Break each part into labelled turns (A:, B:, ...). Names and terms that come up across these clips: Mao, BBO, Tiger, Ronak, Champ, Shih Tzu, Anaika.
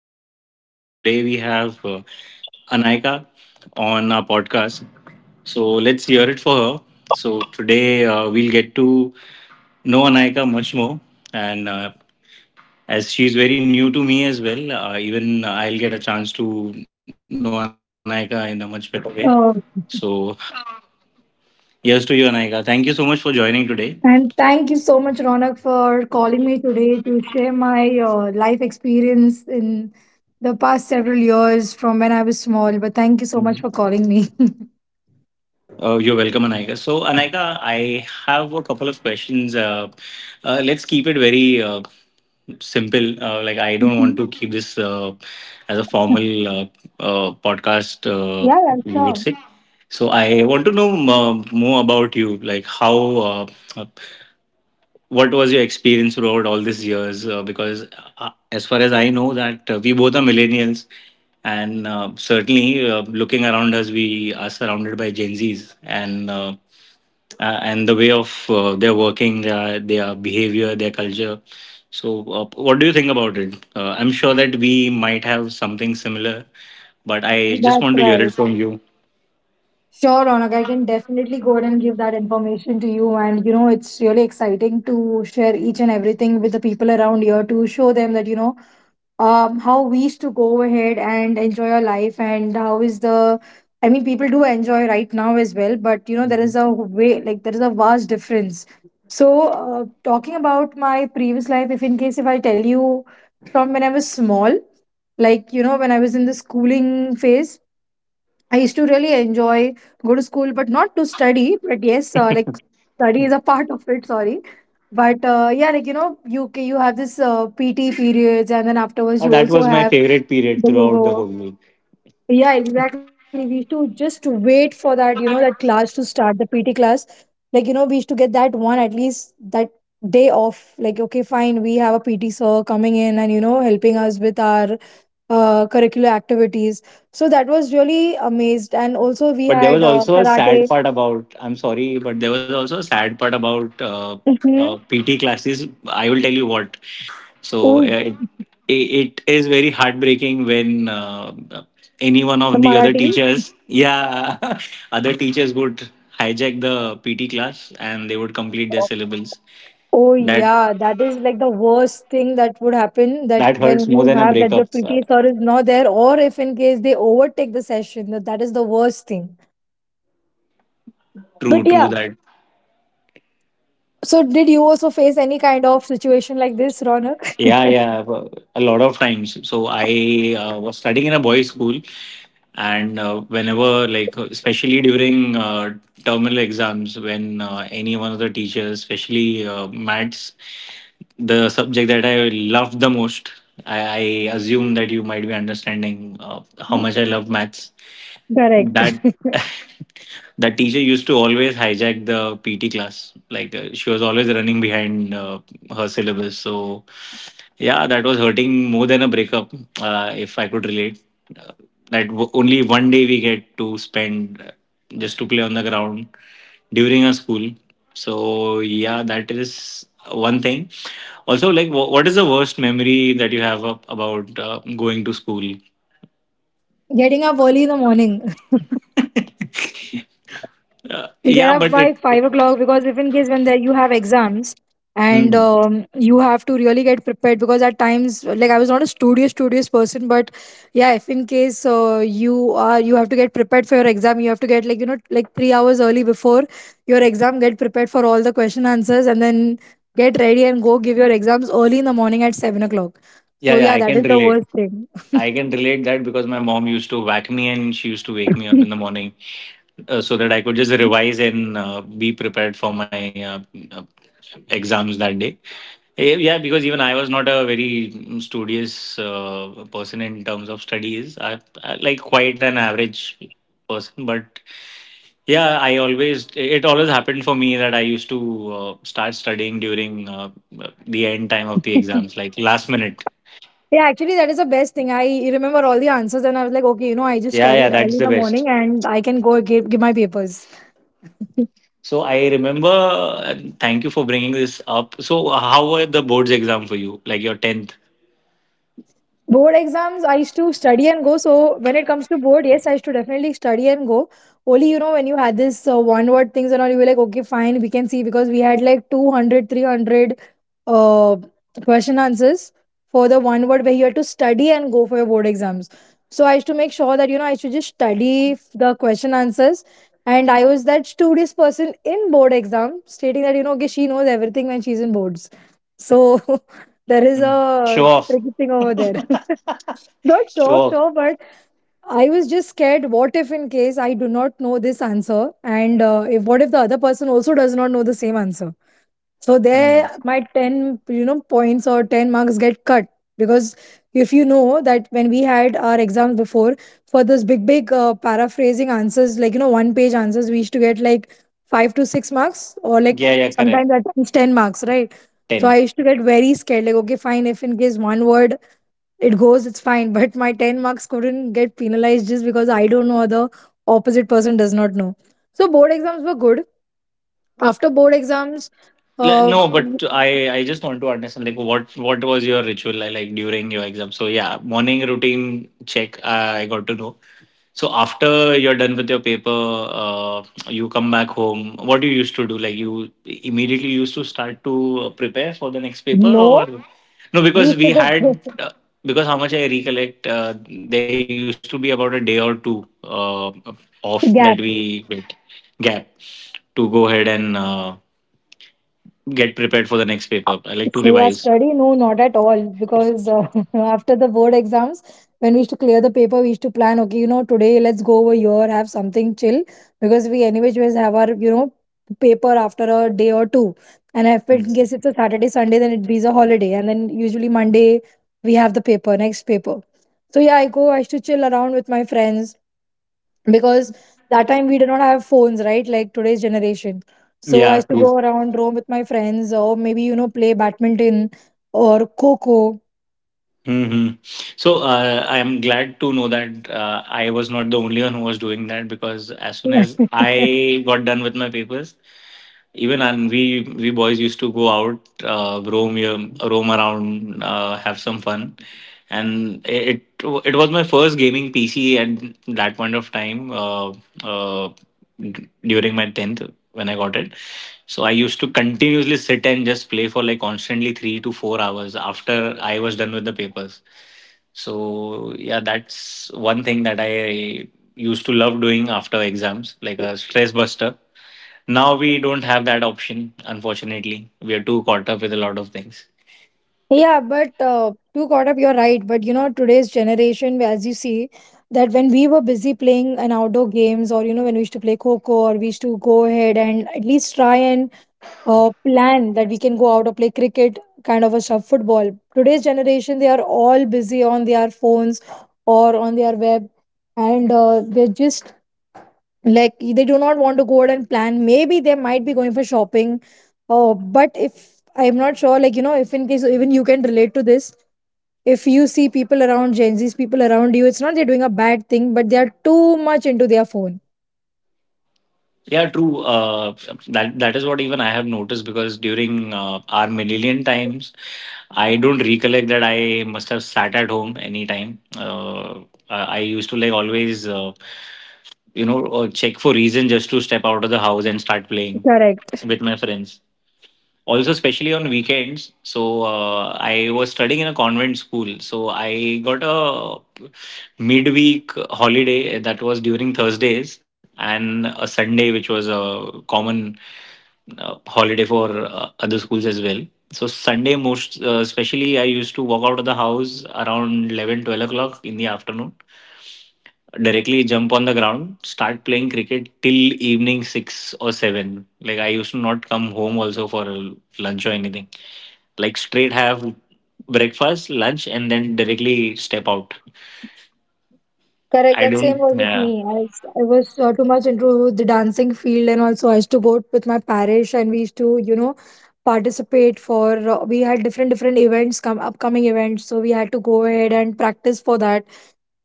A: channel. So today we have Anaika on our podcast. So let's hear it for her. So today we'll get to know Anaika much more, and as she's very new to me as well, even I'll get a chance to know Anaika in a much better way.
B: Uh,
A: So here's to you, Anaika. Thank you so much for joining today.
B: and thank you so much, Ronak, for calling me today to share my life experience in the past several years from when I was small. But thank you so much for calling me.
A: Oh, you're welcome, Anaika. So, Anaika, I have a couple of questions. Let's keep it very simple. Like, I don't want
B: Mhm.
A: to keep this as a formal podcast,
B: Yeah, yeah,
A: we would
B: sure.
A: say. So, I want to know more about you. Like, how? Uh, what was your experience throughout all these years? Because as far as I know, that we both are millennials, and certainly looking around us, we are surrounded by Gen Zs, and the way of their working, their behavior, their culture. So, what do you think about it? I'm sure that we might have something similar, but I just
B: That's
A: want to hear it
B: right.
A: from you.
B: Sure, Ronak, I can definitely go ahead and give that information to you. And, you know, it's really exciting to share each and everything with the people around here to show them that, how we used to go ahead and enjoy our life, and how is the, I mean, people do enjoy right now as well, but you know, there is a way, like there is a vast difference. So talking about my previous life, if in case if I tell you, from when I was small, like you know, when I was in the schooling phase, I used to really enjoy go to school, but not to study. But yes, like, study is a part of it, sorry. But yeah, like you know, you have this PT periods, and then afterwards you
A: That
B: also
A: was my
B: have
A: favorite period
B: the
A: throughout the whole
B: yoga.
A: week.
B: Yeah, exactly. We used to just wait for that, you know, that class to start, the PT class. Like, you know, we used to get that one at least that day off. Like, okay, fine, we have a PT sir coming in and, you know, helping us with our curricular activities. So that was really amazed. And also, we
A: But there was
B: had
A: also a sad
B: karate.
A: part about, I'm sorry, but there was also a sad part about
B: Hmm.
A: PT classes. I will tell you what. So
B: Oh,
A: it is very heartbreaking when any one
B: the
A: of the other
B: Marathi.
A: teachers, yeah, other teachers would hijack the PT class and they would complete their syllables.
B: Oh
A: That
B: yeah, that is like the worst thing that would happen,
A: that
B: that
A: hurts
B: when
A: more than
B: you
A: a
B: have that
A: breakup.
B: your PTA sir is not there, or if in case they overtake the session, that is the worst thing. But
A: True, true
B: yeah,
A: that.
B: so did you also face any kind of situation like this,
A: Yeah,
B: Ronak?
A: yeah, a lot of times. So I was studying in a boys' school, and whenever, like, especially during terminal exams, when any one of the teachers, especially maths, the subject that I loved the most, I assume that you might be understanding how much I love maths.
B: Correct.
A: That that teacher used to always hijack the PT class. Like, she was always running behind her syllabus, so yeah, that was hurting more than a breakup, if I could relate. Uh, Only one day we get to spend just to play on the ground during a school. So, yeah, that is one thing. Also, like, what is the worst memory that you have up about going to school?
B: Getting up early in the morning. You get
A: Yeah,
B: up
A: but it.
B: by
A: it-
B: 5 o'clock because if in case when there you have exams, and
A: Hmm.
B: you have to really get prepared, because at times, like, I was not a studious person. But yeah, if in case you have to get prepared for your exam, you have to get, like you know, like 3 hours early before your exam, get prepared for all the question answers, and then get ready and go give your exams early in the morning at 7 o'clock.
A: Yeah,
B: So
A: yeah,
B: yeah,
A: I
B: that
A: can
B: is the
A: relate.
B: worst thing.
A: I can relate that because my mom used to whack me and she used to wake me up in the morning. So that I could just revise and be prepared for my uh, exams that day. Yeah, because even I was not a very studious person in terms of studies. I like quite an average person, but yeah, I always it always happened for me that I used to start studying during the end time of the exams, like last minute.
B: Yeah, actually, that is the best thing. I remember all the answers, and I was like, okay, you know, I just
A: Yeah, yeah,
B: studied early
A: that's
B: in
A: the
B: the
A: best.
B: morning, and I can go give my papers.
A: So I remember, thank you for bringing this up. So, how were the boards exam for you, like your 10th?
B: Board exams, I used to study and go. So when it comes to board, yes, I used to definitely study and go. Only, you know, when you had this one word things and all, you were like, okay, fine, we can see because we had like 200, 300, 300 question answers for the one word, where you had to study and go for your board exams. So I used to make sure that, you know, I should just study the question answers. And I was that studious person in board exam stating that, you know, okay, she knows everything when she's in boards. So there is
A: Mm.
B: a
A: Show off.
B: cricketing over there. Not
A: Show
B: sure,
A: off.
B: sure, but I was just scared. What if, in case I do not know this answer, and if what if the other person also does not know the same answer? So
A: Mm.
B: there, my 10, you know, points or 10 marks get cut, because if you know, that when we had our exams before, for those big, big paraphrasing answers, like you know, one page answers, we used to get like 5 to 6 marks, or like
A: Yeah, yeah, correct.
B: sometimes at times 10 marks, right? So
A: Ten.
B: I used to get very scared. Like, okay, fine, if in case one word it goes, it's fine. But my 10 marks couldn't get penalized just because I don't know, or the opposite person does not know. So board exams were good. After board exams,
A: Like,
B: uh,
A: no, but I just want to understand like what was your ritual like during your exam? So yeah, morning routine check. I got to know. So after you're done with your paper, uh, you come back home. What do you used to do? Like you immediately used to start to prepare for the next paper, or
B: no,
A: no?
B: we
A: Because
B: used
A: we
B: to go
A: had
B: to
A: because how much I recollect, there used to be about a day or two off that
B: gap.
A: we get gap to go ahead and get prepared for the next paper, like to
B: So yeah,
A: revise.
B: study? No, not at all. Because after the board exams, when we used to clear the paper, we used to plan, okay, you know, today let's go over here, have something chill. Because we, anyway, always have our, you know, paper after a day or two. And if
A: Mm.
B: in case it's a Saturday, Sunday, then it be a holiday. And then usually Monday, we have the paper, next paper. So yeah, I used to chill around with my friends, because that time we did not have phones, right, like today's generation. So I
A: Yeah,
B: used to
A: true.
B: go around, roam with my friends, or maybe you know, play badminton or coco.
A: Hmm. So I am glad to know that I was not the only one who was doing that because as soon as I got done with my papers, even and we boys used to go out, uh, roam here- roam around, have some fun, and it was my first gaming PC at that point of time. Uh, During my tenth when I got it, so I used to continuously sit and just play for like constantly 3 to 4 hours after I was done with the papers, so yeah, that's one thing that I used to love doing after exams, like a stress buster. Now we don't have that option, unfortunately. We are too caught up with a lot of things.
B: Yeah, but too caught up, you're right, but you know, today's generation, as you see, that when we were busy playing an outdoor games, or you know, when we used to play coco, or we used to go ahead and at least try and plan that we can go out or play cricket, kind of a stuff, football. Today's generation, they are all busy on their phones or on their web, and they're just, like, they do not want to go out and plan. Maybe they might be going for shopping. But if I'm not sure, like you know, if in case, even you can relate to this, if you see people around Gen Z's, people around you, it's not they're doing a bad thing, but they are too much into their phone.
A: Yeah, true. That that is what even I have noticed because during our millennial times, I don't recollect that I must have sat at home any time. I used to like always, check for reason just to step out of the house and start playing
B: Correct.
A: with my friends, also especially on weekends. So I was studying in a convent school, so I got a midweek holiday that was during Thursdays and a Sunday, which was a common holiday for other schools as well. So Sunday most especially I used to walk out of the house around 11, 12 o'clock in the afternoon, directly jump on the ground, start playing cricket till evening six or seven. Like I used to not come home also for lunch or anything. Like straight have breakfast, lunch, and then directly step out.
B: Correct.
A: I
B: That same
A: don't.
B: was with
A: Yeah,
B: me. I was too much into the dancing field, and also I used to vote with my parish, and we used to, you know, participate for. We had different different events, come upcoming events, so we had to go ahead and practice for that,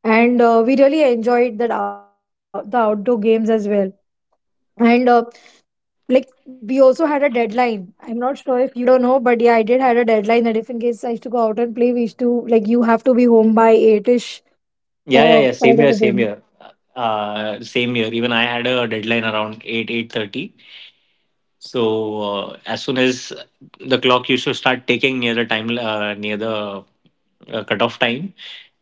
B: and we really enjoyed the outdoor games as well. And like we also had a deadline. I'm not sure if you had or no, but yeah, I did had a deadline, that if in case I used to go out and play, we used to like you have to be home by eight ish,
A: yeah, yeah, yeah.
B: or
A: Same year,
B: kind of a
A: same
B: thing.
A: year. Same year. Even I had a deadline around eight thirty. So as soon as the clock used to start taking near the time near the cutoff time,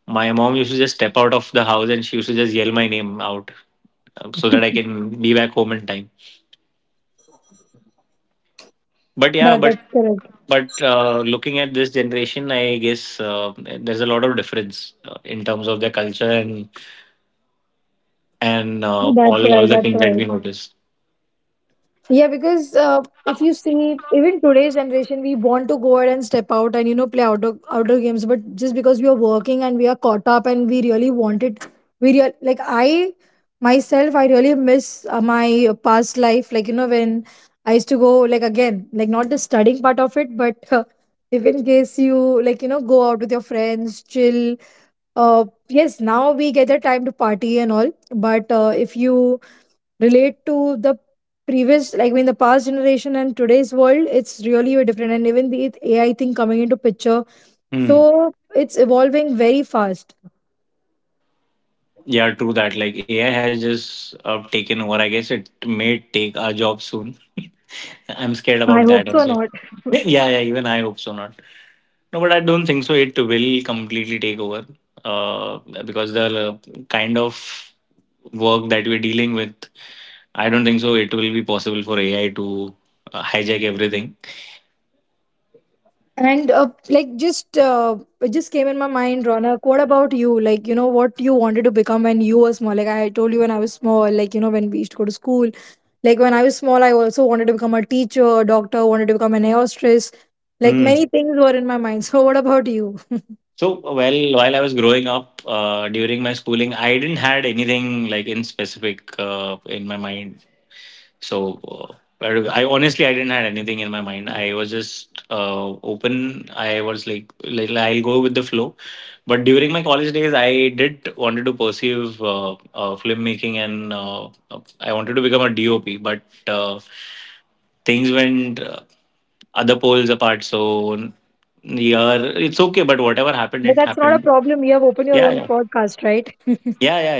A: my mom used to just step out of the house and she used to just yell my name out, so that I can be back home in time. But yeah,
B: That that's correct.
A: but looking at this generation, I guess there's a lot of difference in terms of their culture and and uh,
B: That's
A: all all
B: right.
A: the
B: That's
A: things that
B: right.
A: we notice.
B: Yeah, because if you see, even today's generation, we want to go ahead and step out, and you know, play outdoor outdoor games, but just because we are working and we are caught up, and we really want it, we real like I myself, I really miss my past life. Like you know, when I used to go like again, like not the studying part of it, but if in case you, like you know, go out with your friends, chill. Yes, now we get the time to party and all, but if you relate to the previous, like in the past generation and today's world, it's really very different. And even the AI thing coming into picture, so it's evolving very fast.
A: Yeah, true that. Like AI has just taken over. I guess it may take our job soon. I'm scared
B: I
A: about
B: hope
A: that
B: so
A: as well.
B: not.
A: Yeah, yeah. Even I hope so not. No, but I don't think so. It will completely take over. Uh, because the kind of work that we're dealing with, I don't think so. It will be possible for AI to hijack everything.
B: And like just it just came in my mind, Ronak, what about you? Like you know, what you wanted to become when you were small. Like I told you, when I was small, like you know, when we used to go to school, like when I was small, I also wanted to become a teacher, a doctor, wanted to become an aerostress, like
A: Hmm.
B: many things were in my mind. So what about you?
A: So well, while I was growing up, during my schooling, I didn't had anything like in specific in my mind. So I I honestly I didn't had anything in my mind. I was just open. I was like I'll go with the flow. But during my college days, I did wanted to pursue filmmaking and I wanted to become a DOP. But things went other poles apart. So yeah, it's okay. But whatever happened,
B: But
A: it
B: that's not a
A: happened.
B: problem. You have opened your
A: Yeah,
B: own
A: yeah.
B: podcast, right? Good
A: Yeah, yeah,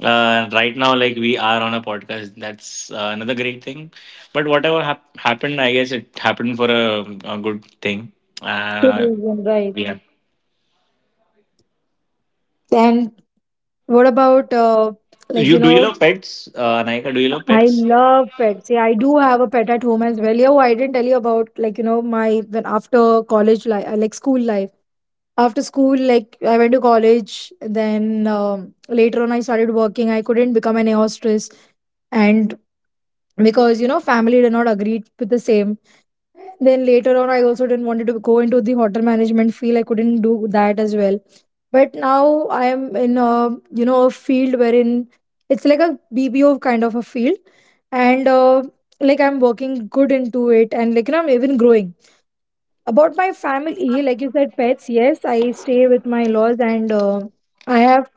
A: yeah. Right now, like we are on a podcast. That's another great thing. But whatever happened, I guess it happened for a good thing. Uh,
B: reason, right?
A: yeah.
B: And what about like
A: You
B: you
A: Do you
B: know,
A: love pets, Naika? Do you love
B: I
A: pets?
B: love pets. Yeah, I do have a pet at home as well. Yeah, oh, I didn't tell you about, like you know, my, when after college life, like school life. After school, like I went to college. Then later on, I started working. I couldn't become an aerostress, and because you know, family did not agree with the same. Then later on, I also didn't wanted to go into the hotel management field. I couldn't do that as well. But now I am in a, you know, a field wherein it's like a BBO kind of a field, and like I'm working good into it, and like you know, I'm even growing. About my family, like you said, pets. Yes, I stay with my laws, and I have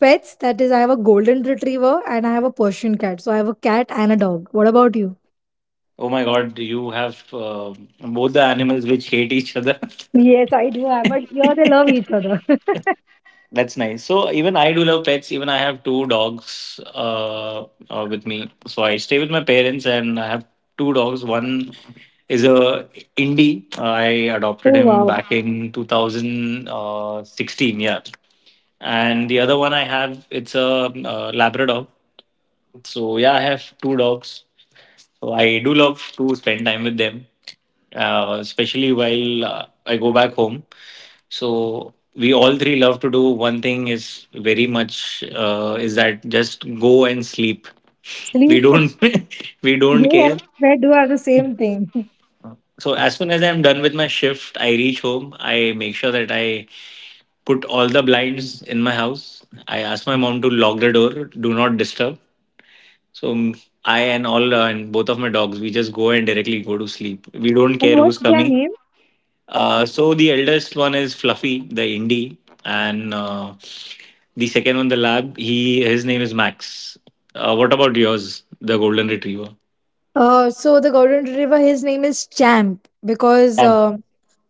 B: pets. That is, I have a golden retriever and I have a Persian cat. So I have a cat and a dog. What about you?
A: Oh my God, you have both the animals which hate each other.
B: Yes, I do have, but yeah, they love each other.
A: That's nice. So even I do love pets. Even I have two dogs with me. So I stay with my parents, and I have two dogs. One is a indie. I adopted
B: Oh
A: him
B: wow.
A: back in 2016. Yeah, and the other one I have, it's a Labrador. So yeah, I have two dogs. So I do love to spend time with them, especially while I go back home. So we all three love to do one thing is very much is that just go and sleep. We
B: Sleep.
A: don't we don't
B: Me
A: care.
B: and Redu are the same thing.
A: So as soon as I'm done with my shift, I reach home. I make sure that I put all the blinds in my house. I ask my mom to lock the door, do not disturb. So I and all and both of my dogs, we just go and directly go to sleep. We don't
B: And
A: care
B: what's
A: who's
B: their
A: coming.
B: name?
A: So the eldest one is Fluffy, the indie, and the second one, the lab. He His name is Max. What about yours, the golden retriever?
B: So the golden retriever, his name is Champ because
A: Yeah.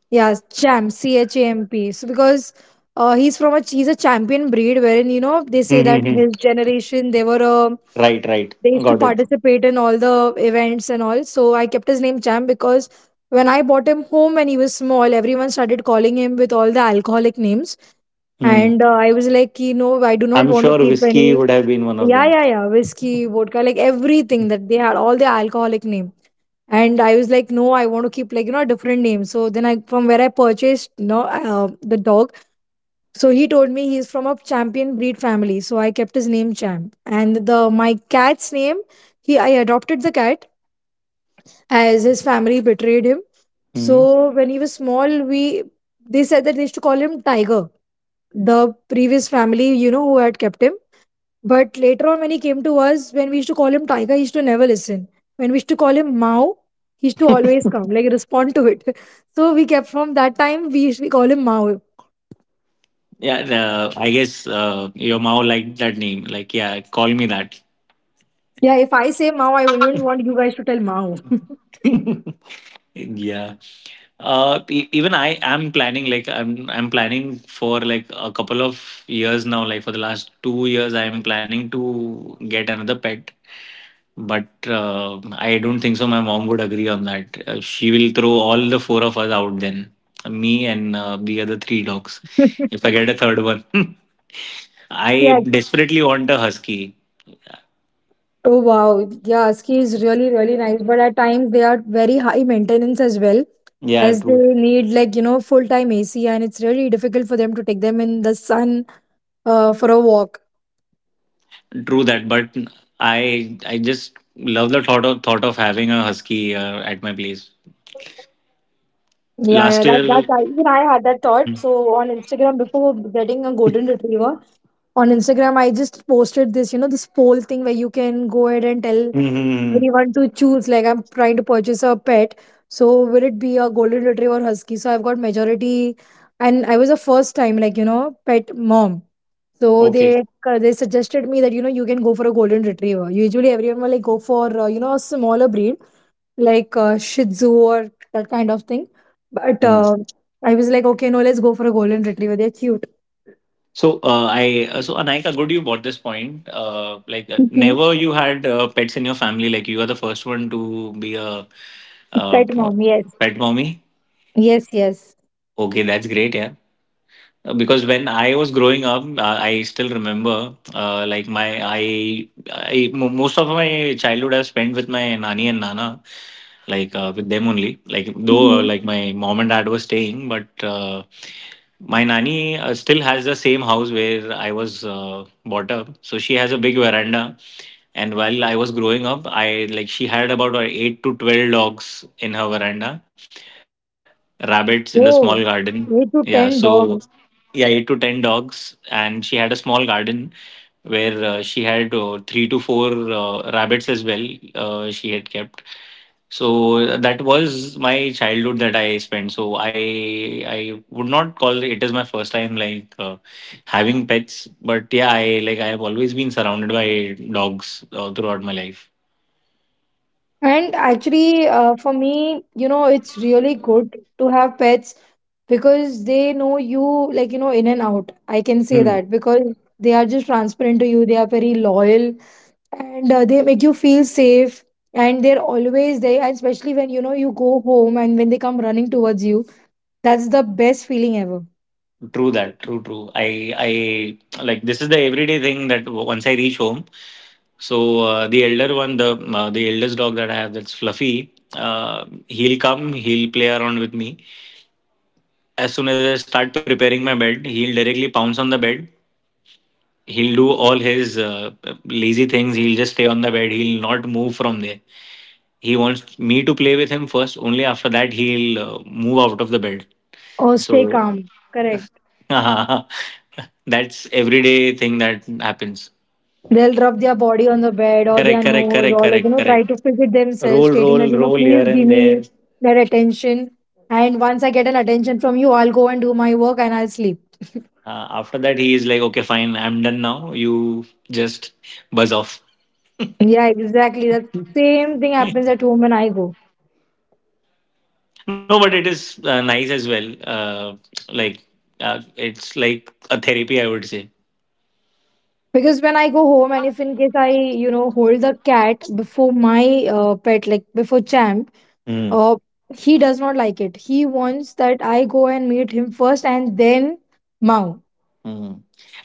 B: yeah, Champ, C H A M P. Because he's a champion breed wherein you know they say that
A: Mm-hmm.
B: his generation
A: Right, right.
B: they used to
A: Got it.
B: participate in all the events and all. So I kept his name Champ because when I bought him home when he was small, everyone started calling him with all the alcoholic names.
A: Hmm.
B: And I was like, you know, I do not
A: I'm
B: want to
A: sure
B: keep any.
A: whiskey would have been one of
B: Yeah,
A: them.
B: yeah, yeah, whiskey, vodka, like everything that they had, all their alcoholic name. And I was like, no, I want to keep like, you know, a different name. So then I, from where I purchased, the dog. So he told me he's from a champion breed family. So I kept his name Champ. And the, my cat's name, he, I adopted the cat as his family betrayed him.
A: Hmm.
B: So when he was small, we, they said that they used to call him Tiger, the previous family, you know, who had kept him. But later on, when he came to us, when we used to call him Tiger, he used to never listen. When we used to call him Mao, he used to always come, like respond to it. So we kept from that time, we used to call him Mao.
A: Yeah, the, I guess your mom liked that name. Like, yeah, call me that.
B: Yeah, if I say Mao, I wouldn't want you guys to tell Mao.
A: yeah Even I am planning like I'm planning for like a couple of years now, like for the last 2 years I am planning to get another pet. But uh, I don't think so my mom would agree on that. She will throw all the four of us out then, me and the other three dogs if I get a third one. I
B: Yeah.
A: desperately want a husky.
B: Oh wow. Yeah, ski is really, really nice. But at times they are very high maintenance as well.
A: Yeah,
B: As they
A: true.
B: need like, you know, full time AC and it's really difficult for them to take them in the sun for a walk.
A: True that, but I just love the thought of having a husky at my place.
B: Yeah,
A: Last
B: yeah, that
A: year.
B: I, even I had that thought. So on Instagram, before getting a golden retriever, on Instagram I just posted this, you know, this poll thing where you can go ahead and tell
A: Mm-hmm.
B: everyone to choose. Like I'm trying to purchase a pet, so will it be a golden retriever or husky? So I've got majority, and I was a first time like you know pet mom. So
A: Okay.
B: they suggested me that you know you can go for a golden retriever. Usually everyone will like go for you know a smaller breed like Shih Tzu or that kind of thing. But
A: Mm.
B: uh, I was like, okay, no, let's go for a golden retriever. They're cute.
A: So, I so Anaika, good you brought this point.
B: Mm-hmm.
A: Never you had pets in your family. Like you are the first one to be a uh,
B: Pet mom, yes.
A: pet mommy.
B: Yes, yes.
A: Okay, that's great. Yeah. Because when I was growing up, I still remember like my I mo- most of my childhood I've spent with my nani and nana, like with them only. Like though
B: Mm-hmm.
A: like my mom and dad were staying, but my nani still has the same house where I was brought up. So she has a big veranda, and while I was growing up, I like she had about 8 to 12 dogs in her veranda, rabbits in the small
B: Oh,
A: garden.
B: eight
A: Yeah,
B: to ten
A: so
B: dogs.
A: yeah, 8 to 10 dogs, and she had a small garden where she had 3 to 4 rabbits as well. She had kept. So that was my childhood that I spent. So I would not call it as my first time having pets, but yeah, I have always been surrounded by dogs throughout my life.
B: And actually, for me, you know, it's really good to have pets because they know you, like, you know, in and out. I can say that because they are just transparent to you, they are very loyal and they make you feel safe and they're always there and especially when you know you go home and when they come running towards you, that's the best feeling ever.
A: True that. True, true. I like this is the everyday thing that once I reach home. So the elder one, the eldest dog that I have, that's Fluffy. He'll come. He'll play around with me. As soon as I start preparing my bed, he'll directly pounce on the bed. He'll do all his lazy things. He'll just stay on the bed. He'll not move from there. He wants me to play with him first. Only after that he'll move out of the bed.
B: Or
A: So
B: stay calm, correct.
A: that's everyday thing that happens.
B: They'll rub their body on the bed or
A: Correct,
B: their
A: correct,
B: nose
A: correct,
B: or like
A: correct,
B: you know try
A: correct.
B: to fidget themselves
A: Roll,
B: stating
A: roll,
B: that you know
A: roll
B: please
A: here and
B: give
A: there.
B: me that attention, and once I get an attention from you I'll go and do my work and I'll sleep.
A: After that he is like, okay, fine, I'm done, now you just buzz off.
B: Yeah, exactly that, same thing happens at home when I go.
A: No, but it is nice as well. Like it's like a therapy, I would say.
B: Because when I go home, and if in case I, you know, hold the cat before my pet, like before Champ,
A: Hmm.
B: uh, he does not like it. He wants that I go and meet him first and then Mao.
A: Hmm.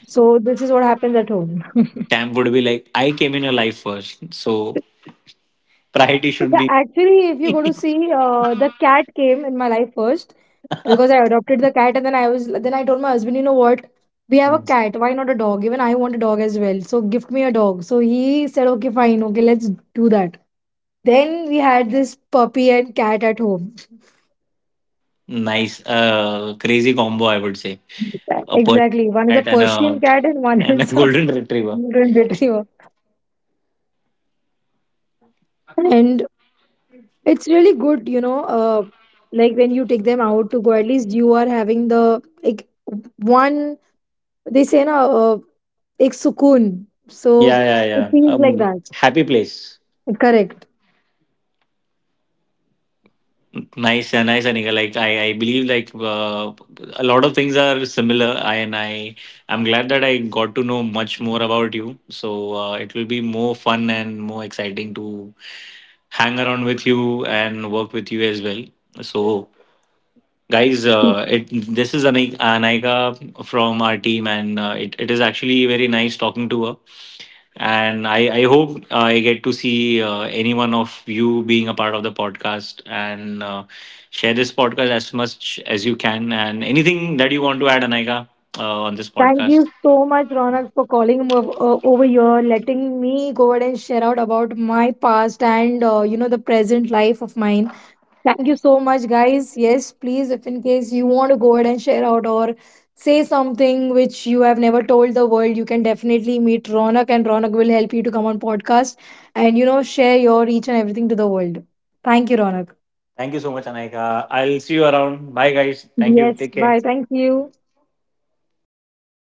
B: So this is what happens at home.
A: Camp would be like I came in your life first, so priority should
B: Yeah,
A: be.
B: actually, if you go to
A: Hmm.
B: see, the cat came in my life first because I adopted the cat, and then I told my husband, you know what, we have a cat. Why not a dog? Even I want a dog as well. So gift me a dog. So he said, okay, fine, okay, let's do that. Then we had this puppy and cat at home.
A: Nice. Crazy combo, I would say. A Persian
B: Exactly. One is a
A: cat and
B: Persian
A: a,
B: cat and one
A: and a
B: is a
A: golden retriever.
B: golden retriever. And it's really good, you know, like when you take them out to go, at least you are having the like one, they say na ek sukoon. So
A: Yeah, yeah, yeah.
B: it feels like that.
A: Happy place.
B: Correct.
A: Nice and nice, Anika. I believe like a lot of things are similar. I'm glad that I got to know much more about you. So it will be more fun and more exciting to hang around with you and work with you as well. So guys, it this is Anika, Anika from our team, and it is actually very nice talking to her. And I hope I get to see any one of you being a part of the podcast and share this podcast as much as you can. And anything that you want to add, Anaika, on this
B: Thank
A: podcast.
B: you so much, Ronak, for calling over here, letting me go ahead and share out about my past and you know the present life of mine. Thank you so much, guys. Yes, please, if in case you want to go ahead and share out or say something which you have never told the world, you can definitely meet Ronak, and Ronak will help you to come on podcast and you know share your each and everything to the world. Thank you, Ronak.
A: Thank you so much, Anaika. I'll see you around. Bye, guys. Thank you.
B: Yes,
A: Take care.
B: bye. Thank you.